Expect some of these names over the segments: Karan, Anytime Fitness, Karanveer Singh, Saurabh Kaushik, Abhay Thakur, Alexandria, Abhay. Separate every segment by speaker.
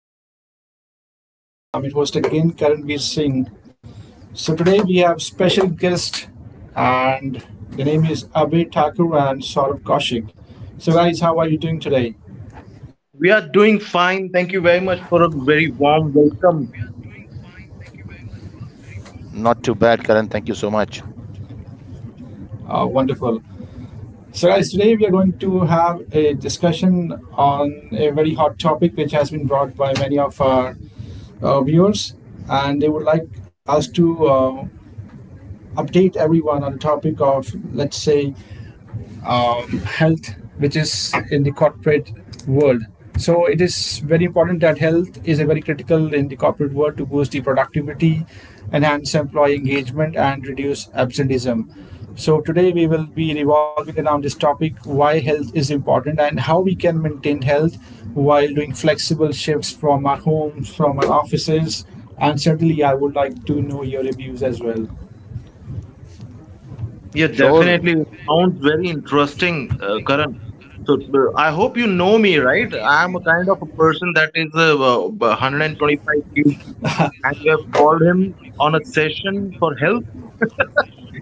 Speaker 1: podcast channel. I'm your host again, Karanveer Singh. So today we have special guest and the name is Abhay Thakur and Saurabh Kaushik. So guys, how are you doing today?
Speaker 2: We are doing fine. Thank you very much for a very warm welcome.
Speaker 3: Not too bad, Karan. Thank you so much.
Speaker 1: Wonderful. So guys, today we are going to have a discussion on a very hot topic which has been brought by many of our viewers, and they would like us to update everyone on the topic of, let's say, um, health, which is in the corporate world. So it is very important that health is a very critical in the corporate world to boost the productivity, enhance employee engagement, and reduce absenteeism. So today we will be revolving around this topic: why health is important and how we can maintain health while doing flexible shifts from our homes, from our offices, and certainly I would like to know your reviews as well.
Speaker 2: Yeah,
Speaker 3: Sure.
Speaker 2: definitely. It sounds very interesting, Karan. So I hope you know me, right? I am a kind of a person that is 125 kg, and we have called him on a session for help.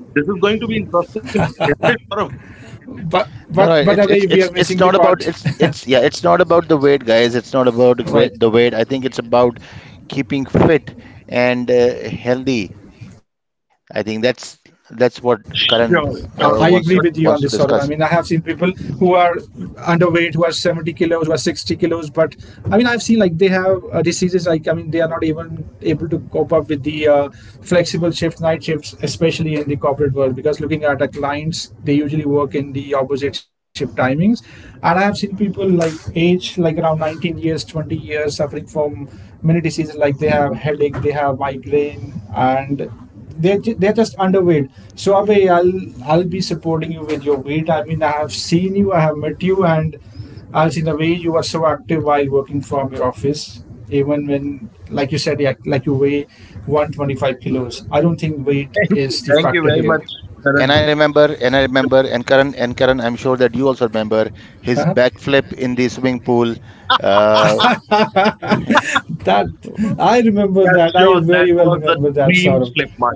Speaker 2: This is going to be interesting, isn't it, Saurav?
Speaker 1: But
Speaker 3: No, no,
Speaker 1: away we are missing the
Speaker 3: it's not
Speaker 1: part,
Speaker 3: about it's yeah, it's not about the weight, guys. It's not about the
Speaker 1: right?
Speaker 3: weight. the weight. I think it's about keeping fit and healthy. I think that's
Speaker 1: I
Speaker 3: that's what
Speaker 1: agree with you on this
Speaker 3: Karan
Speaker 1: sort of.
Speaker 2: Sure,
Speaker 1: I mean, I
Speaker 2: sure.
Speaker 3: wants
Speaker 1: have
Speaker 3: to
Speaker 1: seen
Speaker 2: But
Speaker 1: people
Speaker 3: discuss.
Speaker 1: who are underweight, who are 70 kilos, who are 60 kilos, but I mean, I've seen like they have diseases like, I mean, they are not even able to cope up with the flexible shifts, night shifts, especially in the corporate world, because looking at our clients, they usually work in the opposite shift timings. And I have seen people like age, like around 19 years, 20 years, suffering from many diseases like they have headache, they have migraine, and they're just underweight. So Abhay, I'll be supporting you with your weight. I mean, I have seen you, I have met you, and I've seen the way you are so active while working from your office, even when, like you said, yeah, like you weigh 125 kilos. I don't think weight is the
Speaker 2: thank you
Speaker 1: factor
Speaker 2: very
Speaker 1: here.
Speaker 2: much,
Speaker 3: And
Speaker 2: Karan.
Speaker 3: I remember, and I remember, and Karan, I'm sure that you also remember his
Speaker 1: Huh?
Speaker 3: backflip in the swimming pool, uh,
Speaker 1: That I remember
Speaker 2: Yeah,
Speaker 1: that. I
Speaker 2: sure.
Speaker 1: very
Speaker 2: That
Speaker 1: well
Speaker 2: was a
Speaker 1: remember that,
Speaker 2: dream
Speaker 1: Saurabh.
Speaker 2: slip, man.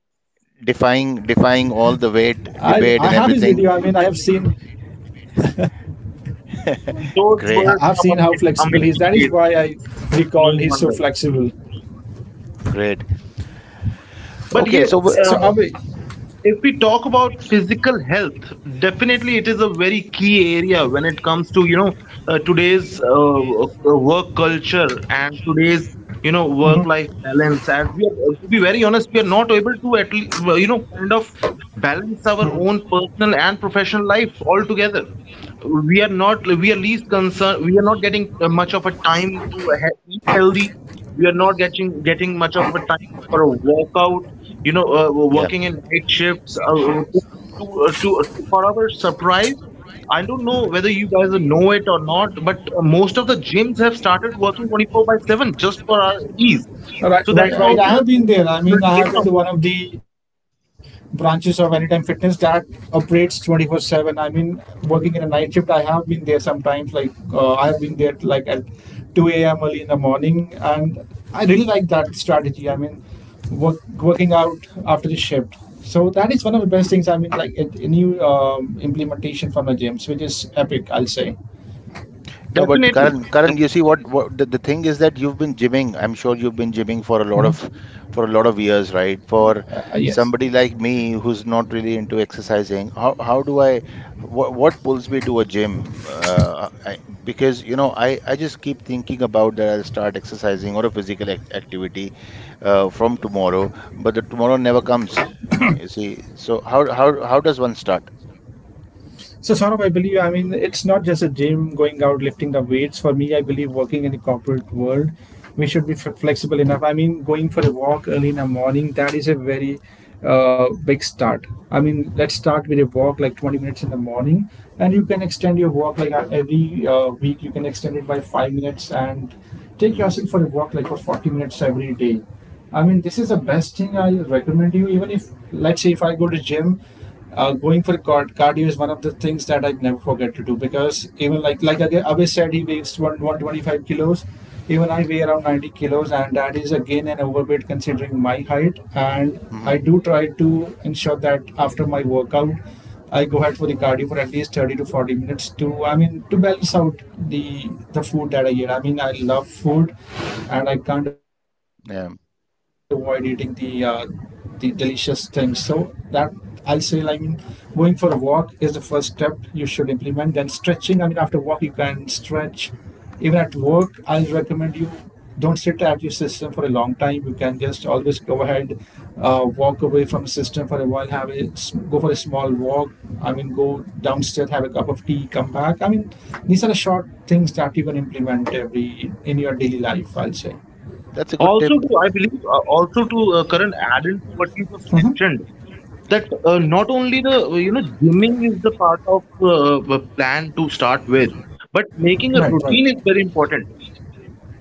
Speaker 3: defying
Speaker 1: I
Speaker 3: all the
Speaker 1: I have
Speaker 3: weight
Speaker 1: his video. I
Speaker 3: debate
Speaker 1: mean,
Speaker 3: and
Speaker 1: I have
Speaker 3: everything.
Speaker 1: seen I've
Speaker 2: Those
Speaker 3: Great,
Speaker 1: seen how
Speaker 2: were some
Speaker 1: flexible he is.
Speaker 2: amazing,
Speaker 1: That is why
Speaker 2: amazing
Speaker 1: I
Speaker 2: days.
Speaker 1: recall he's so
Speaker 2: No wonder.
Speaker 1: flexible.
Speaker 3: great.
Speaker 2: But
Speaker 3: Okay,
Speaker 2: yes,
Speaker 1: So,
Speaker 2: uh,
Speaker 1: Abhay,
Speaker 2: if we talk about physical health, definitely it is a very key area when it comes to, you know, today's work culture and today's, you know, work-life balance. As we are, to be very honest, we are not able to, at least, you know, kind of balance our own personal and professional life altogether. We are not, we are least concerned, we are not getting much of a time to eat healthy, we are not getting much of a time for a walkout. You know,
Speaker 3: yeah,
Speaker 2: working in night shifts. To, to for our surprise, I don't know whether you guys know it or not, but most of the gyms have started working 24 by 7 just for our ease.
Speaker 1: right,
Speaker 2: So that
Speaker 1: right,
Speaker 2: is
Speaker 3: yeah.
Speaker 1: right. I
Speaker 2: also
Speaker 1: have
Speaker 2: a
Speaker 1: been
Speaker 2: great
Speaker 1: there. I mean, I
Speaker 2: opportunity
Speaker 1: have
Speaker 2: area
Speaker 1: been to
Speaker 2: over
Speaker 1: one of the branches of Anytime Fitness that operates 24/7. I mean, working in a night shift, I have been there sometimes. Like, I have been there like at 2 a.m. early in the morning. And I really like that strategy. I mean, working out after the shift. So that is one of the best things. I mean, like a new implementation from the gyms, which is epic, I'll say.
Speaker 2: there.
Speaker 3: No, but
Speaker 2: Definitely.
Speaker 3: Karan, you see what the thing is that you've been gymming. I'm sure you've been gymming for a lot of years, right? For
Speaker 1: Yes.
Speaker 3: somebody like me who's not really into exercising, how do I what pulls me to a gym? Because you know, I just keep thinking about that I'll start exercising or a physical ac activity from tomorrow, but the tomorrow never comes. You see, so how does one start?
Speaker 1: So, Saurabh, I believe, I mean, it's not just a gym going out lifting the weights. For me, I believe working in the corporate world, we should be flexible enough. I mean, going for a walk early in the morning, that is a very big start. I mean, let's start with a walk like 20 minutes in the morning, and you can extend your walk like every week, you can extend it by 5 minutes and take
Speaker 3: Mm-hmm.
Speaker 1: yourself for a walk like for 40 minutes every day. I mean, this is the best thing I recommend you. Even if, let's say, if I go to gym, going for cardio is one of the things that I never forget to do, because even like again Abhay said he weighs 125 kilos, even I weigh around 90 kilos, and that is again an overweight considering my height. And I
Speaker 3: Mm-hmm.
Speaker 1: do try to ensure that after my workout I go ahead for the cardio for at least 30 to 40 minutes to, I mean, to balance out the food that I eat. I mean, I love food and I can't
Speaker 3: Yeah.
Speaker 1: avoid eating the delicious things. So that I say, like, I mean, going for a walk is the first step you should implement. Then stretching, I mean, after walk you can stretch. Even at work, I recommend you don't sit at your system for a long time. You can just always go ahead, walk away from the system for a while, go for a small walk. I mean, go downstairs, have a cup of tea, come back. I mean, these are the short things that you can implement every in your daily life. I'll say.
Speaker 3: That's a good
Speaker 2: Also,
Speaker 3: tip.
Speaker 2: to, I believe, also to Karan, add into what you just
Speaker 1: Mhm.
Speaker 2: mentioned, that not only the, you know, gymming is the part of a plan to start with, but
Speaker 1: Right,
Speaker 2: making a
Speaker 1: right.
Speaker 2: routine is very important.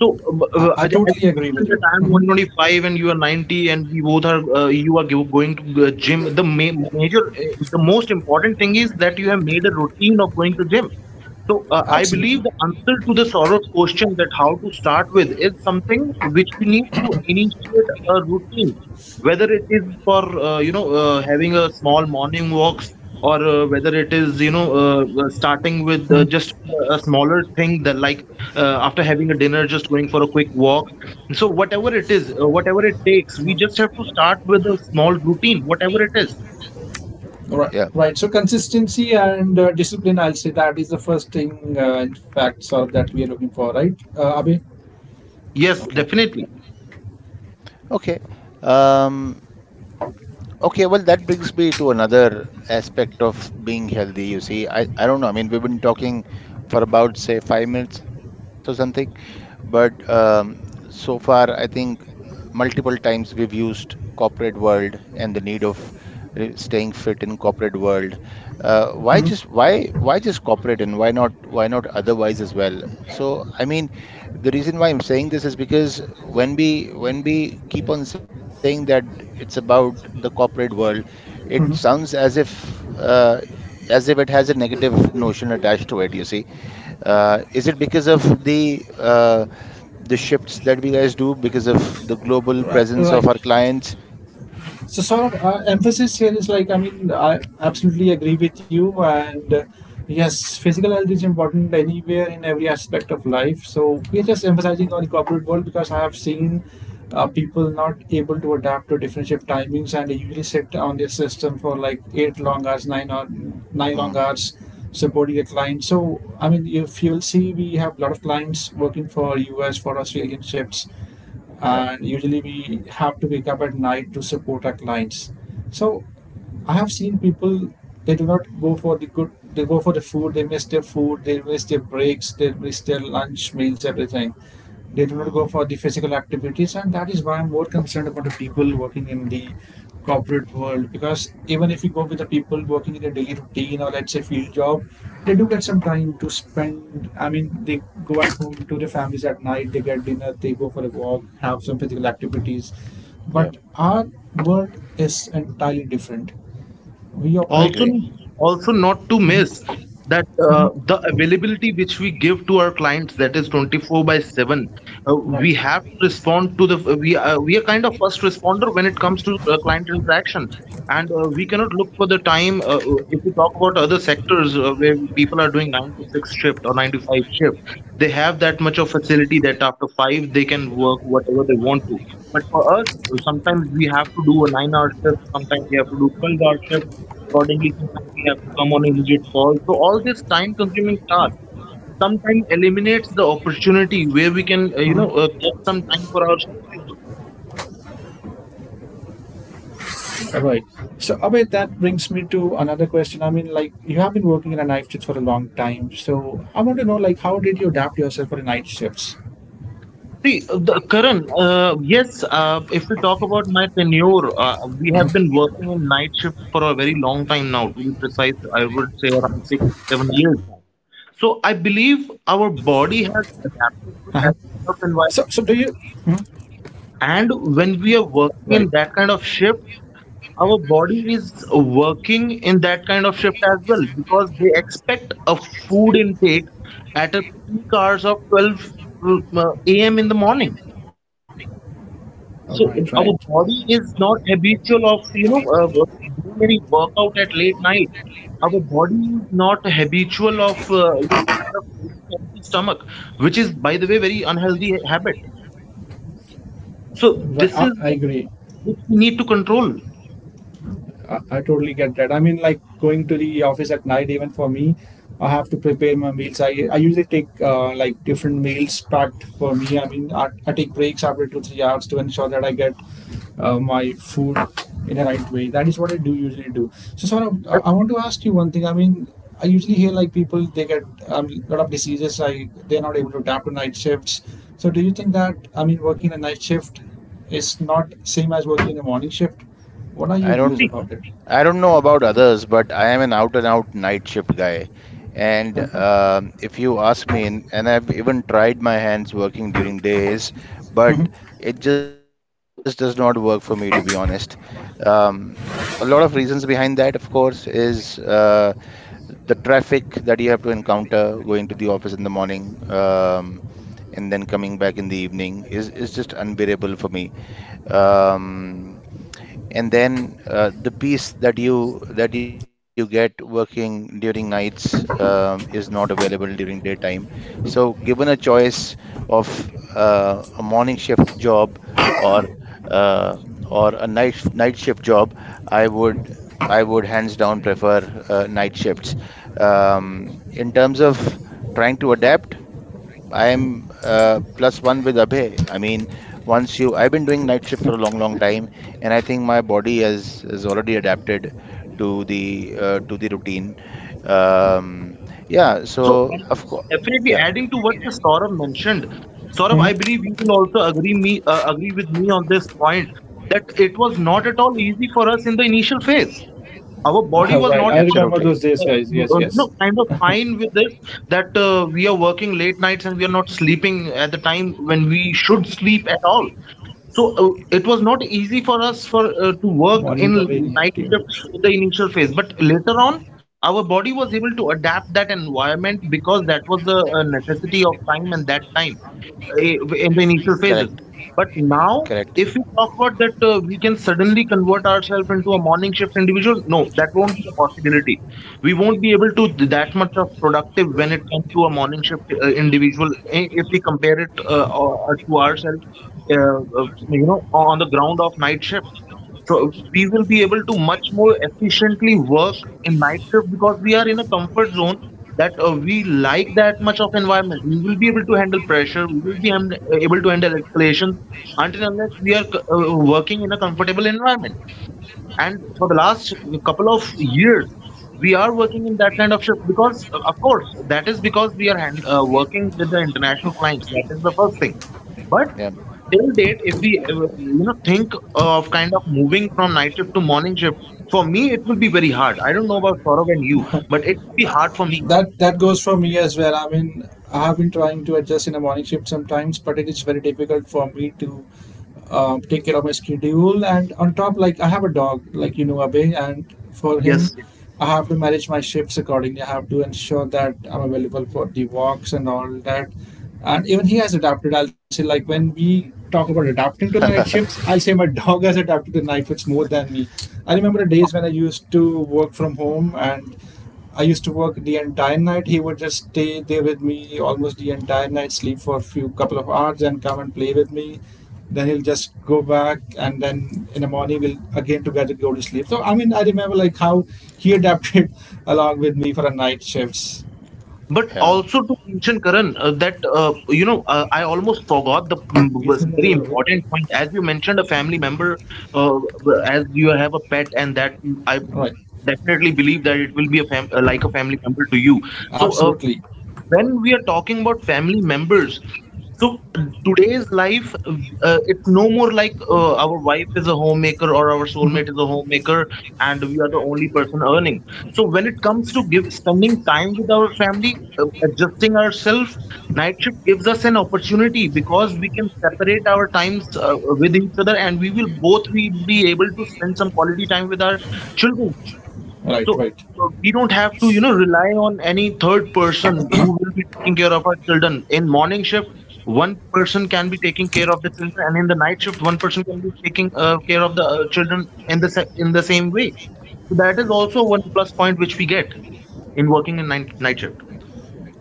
Speaker 2: So uh,
Speaker 1: I
Speaker 2: uh, as
Speaker 1: totally
Speaker 2: as you
Speaker 1: agree with you.
Speaker 2: mentioned that I am
Speaker 1: Mhm.
Speaker 2: 125 and you are 90, and we both are going to the gym, the major, the most important thing is that you have made a routine of going to gym. So I believe
Speaker 1: Absolutely.
Speaker 2: the answer to the Saurav's question, that how to start with, is something which we need to initiate a routine, whether it is for, you know, having a small morning walks, or whether it is, you know, starting with
Speaker 1: Mm,
Speaker 2: just a smaller thing, that like after having a dinner just going for a quick walk. So whatever it is, whatever it takes, we just have to start with a small routine, whatever it is.
Speaker 1: right,
Speaker 3: Yeah.
Speaker 1: right. So consistency and discipline, I'll say that is the first thing, in fact, sort of that we are looking for, right, Abhi?
Speaker 2: Yes,
Speaker 3: Okay.
Speaker 2: definitely.
Speaker 3: Okay. Um, okay. Well, that brings me to another aspect of being healthy. You see, I don't know. I mean, we've been talking for about, say, 5 minutes or something, but so far, I think multiple times we've used corporate world and the need of staying fit in corporate world. Uh, why
Speaker 1: Mhm,
Speaker 3: just why why just corporate and why not otherwise as well? So, I mean, the reason why I'm saying this is because when we keep on saying that it's about the corporate world, it
Speaker 1: mhm.
Speaker 3: sounds as if it has a negative notion attached to it, you see. Is it because of the shifts that we guys do because of the global
Speaker 1: Right,
Speaker 3: presence
Speaker 1: right.
Speaker 3: of our clients?
Speaker 1: So, sort of emphasis here is like, I mean, I absolutely agree with you. And yes, physical health is important anywhere in every aspect of life. So, we are just emphasizing on the corporate world because I have seen people not able to adapt to different shift timings and they usually sit on their system for like eight long hours, nine, or, nine long
Speaker 3: Hmm.
Speaker 1: hours supporting a client. So, I mean, if you'll see, we have a lot of clients working for US, for Australian shifts,
Speaker 3: Yeah.
Speaker 1: and usually we have to wake up at night to support our clients. So I have seen people they do not go for the good, they go for the food, they miss their food, they miss their breaks, they miss their lunch, meals, everything. They do not go
Speaker 3: Hmm.
Speaker 1: for the physical activities, and that is why I'm more concerned about the people working in the corporate world, because even if you go with the people working in their daily routine or let's say field job, they do get some time to spend. I mean, they go at home to their families at night, they get dinner, they go for a walk, have some physical activities,
Speaker 3: Yeah.
Speaker 1: but our world is entirely different. We
Speaker 3: I
Speaker 1: operate.
Speaker 2: Also,
Speaker 3: agree.
Speaker 2: also not to miss that
Speaker 1: Mhm.
Speaker 2: the availability which we give to our clients, that is 24 by 7.
Speaker 1: Right.
Speaker 2: We have to respond to the, we are kind of first responder when it comes to client interaction, and we cannot look for the time. If we talk about other sectors, where people are doing 9 to 6 shift or 9 to 5 shift, they have that much of facility that after 5 they can work whatever they want to. But for us, sometimes we have to do a 9-hour shift, sometimes we have to do 12-hour shift accordingly. Sometimes we have to come on immediate call. So all this time-consuming task sometimes eliminates the opportunity where we can, you know,
Speaker 1: Mhm.
Speaker 2: get some time for ourselves as well.
Speaker 1: Right. So, Abhay, that brings me to another question. I mean, like, you have been working in a night shift for a long time. So, I want to know, like, how did you adapt yourself for the night shifts?
Speaker 2: See, Karan, yes, if we talk about my tenure, we have been working in night shift for a very long time now. To be precise, I would say around 6 to 7 years now. So I believe
Speaker 1: Uh-huh.
Speaker 2: our body has
Speaker 1: So, so do you?
Speaker 2: adapted to that
Speaker 1: Mhm.
Speaker 2: kind of environment. And when we
Speaker 1: Right,
Speaker 2: are working in that kind of shift, our body is working in that kind of shift as well, because they expect a food intake at a peak hours of 12 a.m. in the morning.
Speaker 1: all right, right,
Speaker 2: So our body is not habitual of, you know, doing any workout at late night. Our body is not habitual of, you know, kind of eating empty stomach, which is, by the way, very unhealthy habit. So
Speaker 1: right.
Speaker 2: this is
Speaker 1: I
Speaker 2: the
Speaker 1: agree.
Speaker 2: which we need to control.
Speaker 1: I totally get that. I mean, like going to the office at night, even for me, I have to prepare my meals. I usually take like different meals packed for me. I mean, I take breaks after two, 3 hours to ensure that I get my food in the right way. That is what I do usually do. So, sort of,
Speaker 2: That's.
Speaker 1: I want to ask you one thing. I mean, I usually hear like people they get a lot of diseases. I they're not able to adapt to night shifts. So, do you think that I mean, working a night shift is not same as working a morning shift? What are
Speaker 3: I
Speaker 1: your views
Speaker 3: don't.
Speaker 1: about it?
Speaker 3: I don't know about others, but I am an out and out night shift guy. And if you ask me, and I've even tried my hands working during days, but it just does not work for me, to be honest. Um, a lot of reasons behind that, of course, is the traffic that you have to encounter going to the office in the morning and then coming back in the evening is just unbearable for me. Um, and then the peace that you get working during nights is not available during daytime. So given a choice of a morning shift job or uh, a night shift job, I would hands down prefer night shifts. In terms of trying to adapt, I am plus one with Abhay. I mean, once you I've been doing night shift for a long time, and I think my body has already adapted to the routine. Um, yeah,
Speaker 2: So
Speaker 3: so
Speaker 2: and
Speaker 3: of course,
Speaker 2: definitely,
Speaker 3: yeah,
Speaker 2: adding to what the Saurabh mentioned, Saurabh,
Speaker 1: Hmm?
Speaker 2: I believe you will also agree me, agree with me on this point, that it was not at all easy for us in the initial phase. Our body was
Speaker 1: Right.
Speaker 2: not
Speaker 1: I remember
Speaker 2: all,
Speaker 3: absolutely
Speaker 1: those days,
Speaker 2: uh,
Speaker 1: guys. Yes,
Speaker 2: you
Speaker 1: yes.
Speaker 2: know, kind of fine with this, that we are working late nights and we are not sleeping at the time when we should sleep at all. So it was not easy for us for to work
Speaker 1: Morning recovery in
Speaker 2: in
Speaker 1: here,
Speaker 2: night
Speaker 1: tier two.
Speaker 2: shifts in the initial phase, but later on, our body was able to adapt that environment because that was the necessity of time and that time, eh, in the initial
Speaker 3: correct,
Speaker 2: phases. But now,
Speaker 3: correct.
Speaker 2: if we talk about that, we can suddenly convert ourselves into a morning shift individual. No, that won't be a possibility. We won't be able to that much of productive when it comes to a morning shift individual. If we compare it to ourselves, uh, uh, you know, on the ground of night shift. So we will be able to much more efficiently work in night shift because we are in a comfort zone, that we like that much of environment. We will be able to handle pressure. We will be able to handle escalations, until unless we are working in a comfortable environment. And for the last couple of years we are working in that kind of shift because, of course, that is because we are working with the international clients, that is the first thing. But
Speaker 3: Yeah,
Speaker 2: till date, if we, you know, think of kind of moving from night shift to morning shift, for me it will be very hard. I don't know about Saurav and you, but it will be hard for me.
Speaker 1: That that goes for me as well. I mean, I have been trying to adjust in a morning shift sometimes, but it is very difficult for me to take care of my schedule. And on top, like I have a dog, like you know, Abe, and for him,
Speaker 2: Yes.
Speaker 1: I have to manage my shifts accordingly. I have to ensure that I'm available for the walks and all that. And even he has adapted. I'll say, like when we talk about adapting to the night shifts, I'll say my dog has adapted to night shifts more than me. I remember the days when I used to work from home and I used to work the entire night. He would just stay there with me almost the entire night, sleep for a few couple of hours, and come and play with me. Then he'll just go back, and then in the morning we'll again together go to sleep. So I mean, I remember like how he adapted along with me for a night shifts.
Speaker 2: But
Speaker 3: yeah,
Speaker 2: also to mention, Karan, that you know, I almost forgot the, mm,
Speaker 1: बीस
Speaker 2: was
Speaker 1: minute ऐसे
Speaker 2: very
Speaker 1: करोगे?
Speaker 2: important point. As you mentioned, a family member, uh, as you have a pet, and that, mm, I
Speaker 1: Right,
Speaker 2: definitely believe that it will be a like a family member to you. So,
Speaker 1: absolutely,
Speaker 2: when we are talking about family members, so today's life, it's no more like our wife is a homemaker or our soulmate is a homemaker and we are the only person earning. So when it comes to give spending time with our family, adjusting ourselves, night shift gives us an opportunity because we can separate our times with each other, and we will both we be able to spend some quality time with our children.
Speaker 1: right,
Speaker 2: So
Speaker 1: right.
Speaker 2: we don't have to, you know, rely on any third person who will be taking care of our children. In morning shift, one person can be taking care of the children, and in the night shift, one person can be taking care of the children in the in the same way. So that is also one plus point which we get in working in night shift.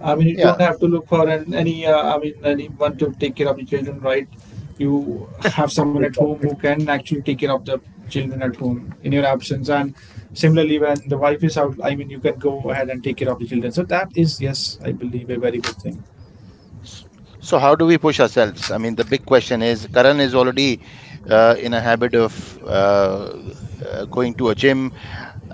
Speaker 1: I mean, you
Speaker 3: yeah.
Speaker 1: don't have to look for an, any, I mean, anyone to take care of the children, right? You have someone
Speaker 2: Yes,
Speaker 1: at home who
Speaker 2: definitely.
Speaker 1: can actually take care of the children at home in your absence. And similarly, when the wife is out, I mean, you can go ahead and take care of the children. So that is, yes, I believe a very good thing.
Speaker 3: S- So how do we push ourselves? I mean, the big question is, Karan is already in a habit of uh, going to a gym.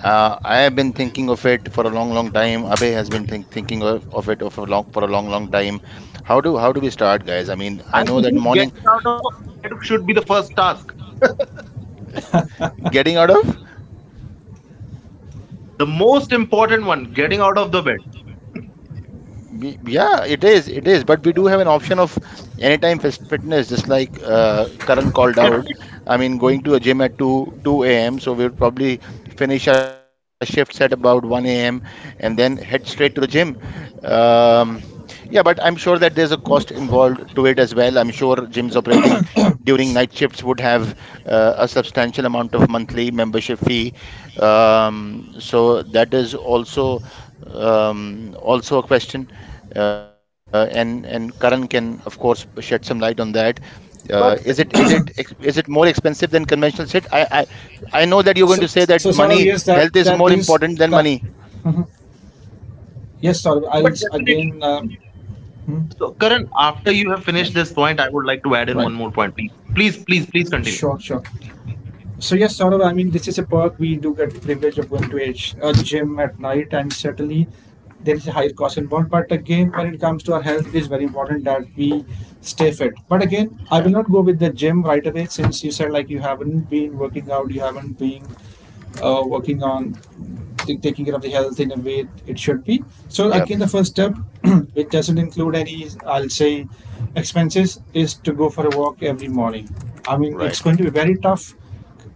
Speaker 3: I have been thinking of it for a long, long time. Abhay has been thinking of it for a long, long time. How do we start, guys? I mean, I
Speaker 2: I
Speaker 3: know that
Speaker 2: think
Speaker 3: morning
Speaker 2: getting out of a bed should be the first task,
Speaker 3: getting out of
Speaker 2: the most important one. Getting out of the bed,
Speaker 3: Yeah, it is. It is. But we do have an option of anytime fitness, just like Karan called out. I mean, going to a gym at 2 a.m. So we'll probably finish our shifts at about 1 a.m. and then head straight to the gym. Um, yeah, but I'm sure that there's a cost involved to it as well. I'm sure gyms operating during night shifts would have a substantial amount of monthly membership fee. So that is also also a question, and Karan can, of course, shed some light on that.
Speaker 2: but
Speaker 3: Is it ex- is it more expensive than conventional SIT? I know that you're going to
Speaker 1: So,
Speaker 3: say
Speaker 1: so
Speaker 3: that
Speaker 1: sort of,
Speaker 3: money,
Speaker 1: yes, that,
Speaker 3: health is
Speaker 1: that
Speaker 3: more
Speaker 1: is
Speaker 3: important than
Speaker 1: that.
Speaker 3: money.
Speaker 1: Yes, sort of,
Speaker 2: but definitely.
Speaker 1: again,
Speaker 2: So, Karan, after you have finished
Speaker 1: yes,
Speaker 2: this point, I would like to add in one
Speaker 1: right.
Speaker 2: more point, please. Please, please, please
Speaker 1: Sure, sure.
Speaker 2: continue.
Speaker 1: So yes, Saurabh, I mean this is a perk we do get the privilege of going to a, a gym at night, and certainly there is a higher cost involved. But again, when it comes to our health, it is very important that we stay fit. But again, I will
Speaker 3: Yeah,
Speaker 1: not go with the gym right away since you said like you haven't been working out, you haven't been working on taking care of the health in a way it should be. So again,
Speaker 3: yeah,
Speaker 1: the first step, which doesn't include any, I'll say, expenses, is to go for a walk every morning. I mean, it's going
Speaker 3: right.
Speaker 1: to be very tough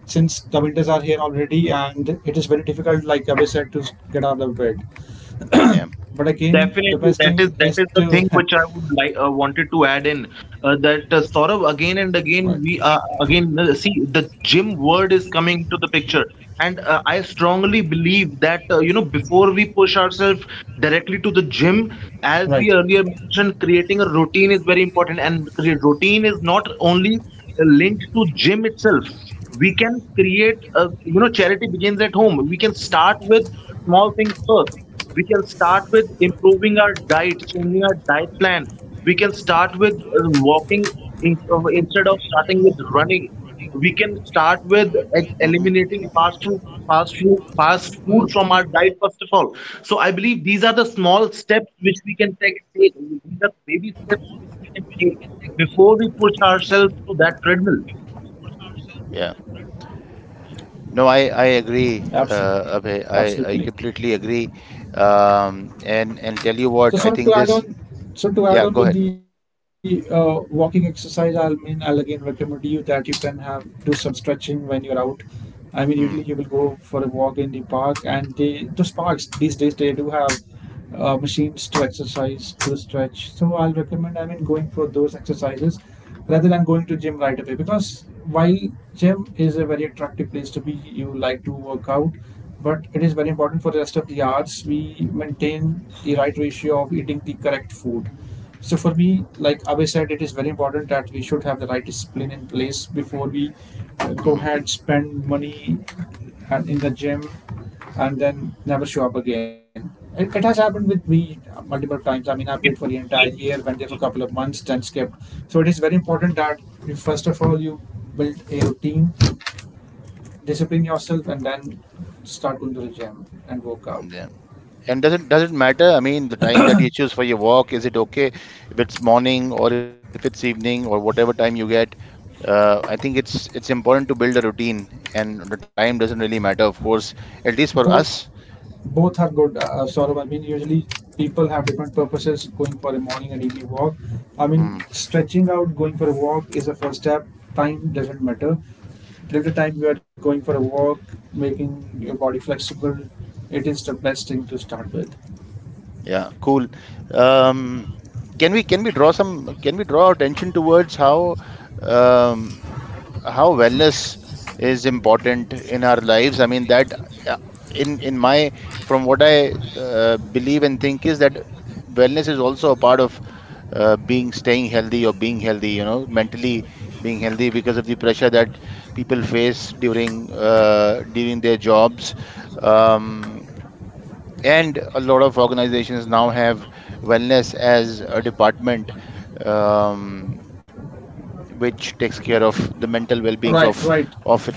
Speaker 1: since the winters are here already, and it is very difficult, like Abhay said, to get out of bed.
Speaker 3: Yeah,
Speaker 1: But again, the
Speaker 2: Definitely,
Speaker 1: best
Speaker 2: that is
Speaker 1: thing
Speaker 2: that
Speaker 1: is
Speaker 2: is the
Speaker 1: to
Speaker 2: thing which I would like, wanted to add in, that Saurabh, again and again
Speaker 1: right.
Speaker 2: we, again, see the gym word is coming to the picture. And I strongly believe that, you know, before we push ourselves directly to the gym, as we
Speaker 1: Right.
Speaker 2: earlier mentioned, creating a routine is very important, and routine is not only linked to gym itself. We can create a, you know, charity begins at home, we can start with small things first. We can start with improving our diet, changing our diet plan. We can start with walking, instead of starting with running. We can start with
Speaker 3: hmm,
Speaker 2: eliminating fast food, fast food from our diet first of all. So I believe these are the small steps which we can take. These are baby steps which we can take before we push ourselves to that treadmill. we
Speaker 3: yeah. No, I agree,
Speaker 1: Absolutely.
Speaker 3: Abhay.
Speaker 1: Absolutely.
Speaker 3: I completely agree. And tell you
Speaker 1: So,
Speaker 3: what,
Speaker 1: sort
Speaker 3: I
Speaker 1: of to
Speaker 3: think
Speaker 1: add
Speaker 3: this.
Speaker 1: on, so to
Speaker 3: Yeah, go
Speaker 1: add
Speaker 3: ahead.
Speaker 1: on with the walking exercise, I will mean, I'll again recommend you that you can have do some stretching when you're out. I mean,
Speaker 3: Hmm.
Speaker 1: usually you will go for a walk in the park, and they those parks these days they do have machines to exercise to stretch. So I'll recommend, I mean going for those exercises rather than going to gym right away, because while gym is a very attractive place to be, you like to work out, but it is very important for the rest of the hours we maintain the right ratio of eating the correct food. So for me, like Abe said, it is very important that we should have the right discipline in place before we go
Speaker 3: Hmm.
Speaker 1: ahead spend money and in the gym and then never show up again. It has happened with me multiple times. I mean, I paid for the
Speaker 2: do,
Speaker 1: entire
Speaker 2: we
Speaker 1: year,
Speaker 2: do.
Speaker 1: went there for a couple of months, then skipped. So it is very important that you, first of all you build a routine, discipline yourself, and then start going to the gym and work out.
Speaker 3: Yeah. And doesn't matter. I mean, the time that you choose for your walk, is it okay if it's morning or if it's evening or whatever time you get? I think it's important to build a routine, and the time doesn't really matter, of course, at least for
Speaker 1: both
Speaker 3: us.
Speaker 1: both are good, Saurabh. I mean, usually people have different purposes going for a morning and evening walk. I mean,
Speaker 3: Hmm.
Speaker 1: stretching out, going for a walk is a first step. Time doesn't matter till the time you are going for a walk, making your body flexible. It is the best thing to start with.
Speaker 3: Yeah, cool. Um, can we draw some can we draw attention towards um, how wellness is important in our lives. I mean that uh, in my, from what I believe and think, is that wellness is also a part of being staying healthy or being healthy, you know, mentally being healthy because of the pressure that people face during during their jobs. Um, and a lot of organizations now have wellness as a department, um, which takes care of the mental well-beings
Speaker 1: right
Speaker 3: of its
Speaker 1: right
Speaker 3: employees.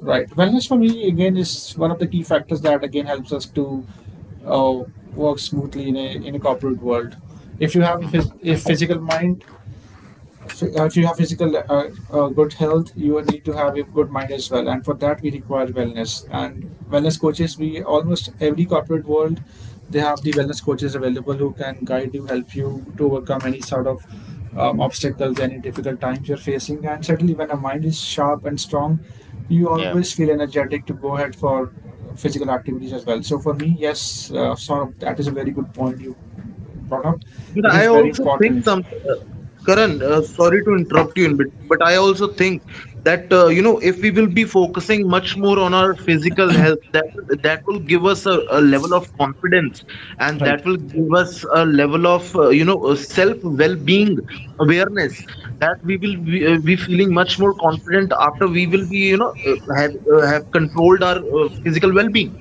Speaker 1: Right. Wellness for me again is one of the key factors that again helps us to uh, work smoothly in a corporate world. If you have a,
Speaker 3: Mhm.
Speaker 1: a physical mind, if you have physical good health, you need to have a good mind as well, and for that we require wellness. And wellness coaches, we almost every corporate world, they have the wellness coaches available who can guide you, help you to overcome any sort of obstacles, any difficult times you're facing. And certainly when a mind is sharp and strong, you
Speaker 3: Yeah,
Speaker 1: always feel energetic to go ahead for physical activities as well. So for me, yes, sort of, that is a very good point you brought up.
Speaker 2: But
Speaker 1: It
Speaker 2: I
Speaker 1: is very
Speaker 2: also think
Speaker 1: important.
Speaker 2: some, uh, Karan, sorry to interrupt you in between, but I also think that, you know, if we will be focusing much more on our physical health, that will give us a level of confidence, and
Speaker 1: Right.
Speaker 2: that will give us a level of, you know, self well-being awareness, that we will be feeling much more confident after we will be, you know, have controlled our physical well-being.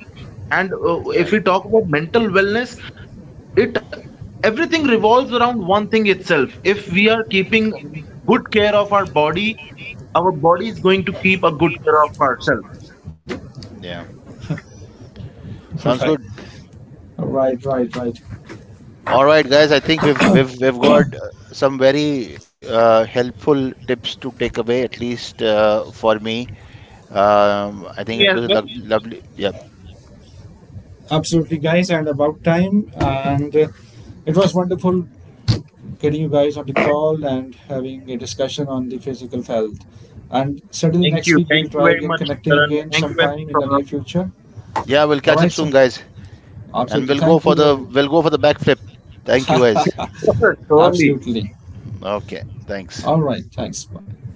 Speaker 2: And
Speaker 3: yeah,
Speaker 2: if we talk about mental wellness, it, everything revolves around one thing itself. If we are keeping good care of our body, our body is going to keep a good care of ourselves.
Speaker 3: yeah. Sounds good.
Speaker 1: Right. Oh, right, right, right.
Speaker 3: All right, guys. I think we've got some very helpful tips to take away, at least for me. I think it
Speaker 2: Me as
Speaker 3: was a lo
Speaker 2: well.
Speaker 3: lovely. Yeah,
Speaker 1: Absolutely, guys, and about time. And it was wonderful getting you guys on the call and having a discussion on the physical health. And certainly
Speaker 2: Thank
Speaker 1: next
Speaker 2: you,
Speaker 1: week
Speaker 2: thank
Speaker 1: we'll
Speaker 2: you
Speaker 1: try
Speaker 2: very
Speaker 1: again,
Speaker 2: much,
Speaker 1: connecting
Speaker 2: Karan.
Speaker 1: again
Speaker 2: Thank you very much,
Speaker 1: sometime in the near
Speaker 2: Saurabh.
Speaker 1: future.
Speaker 3: yeah. We'll
Speaker 1: All
Speaker 3: catch up
Speaker 1: right,
Speaker 3: soon,
Speaker 1: sir.
Speaker 3: guys, and
Speaker 1: Absolutely.
Speaker 3: we'll go
Speaker 1: Thank
Speaker 3: for
Speaker 1: you,
Speaker 3: the
Speaker 1: everyone.
Speaker 3: backflip. Thank you, guys.
Speaker 2: Surely.
Speaker 1: Absolutely.
Speaker 3: Okay, thanks.
Speaker 1: All right. Thanks. Bye.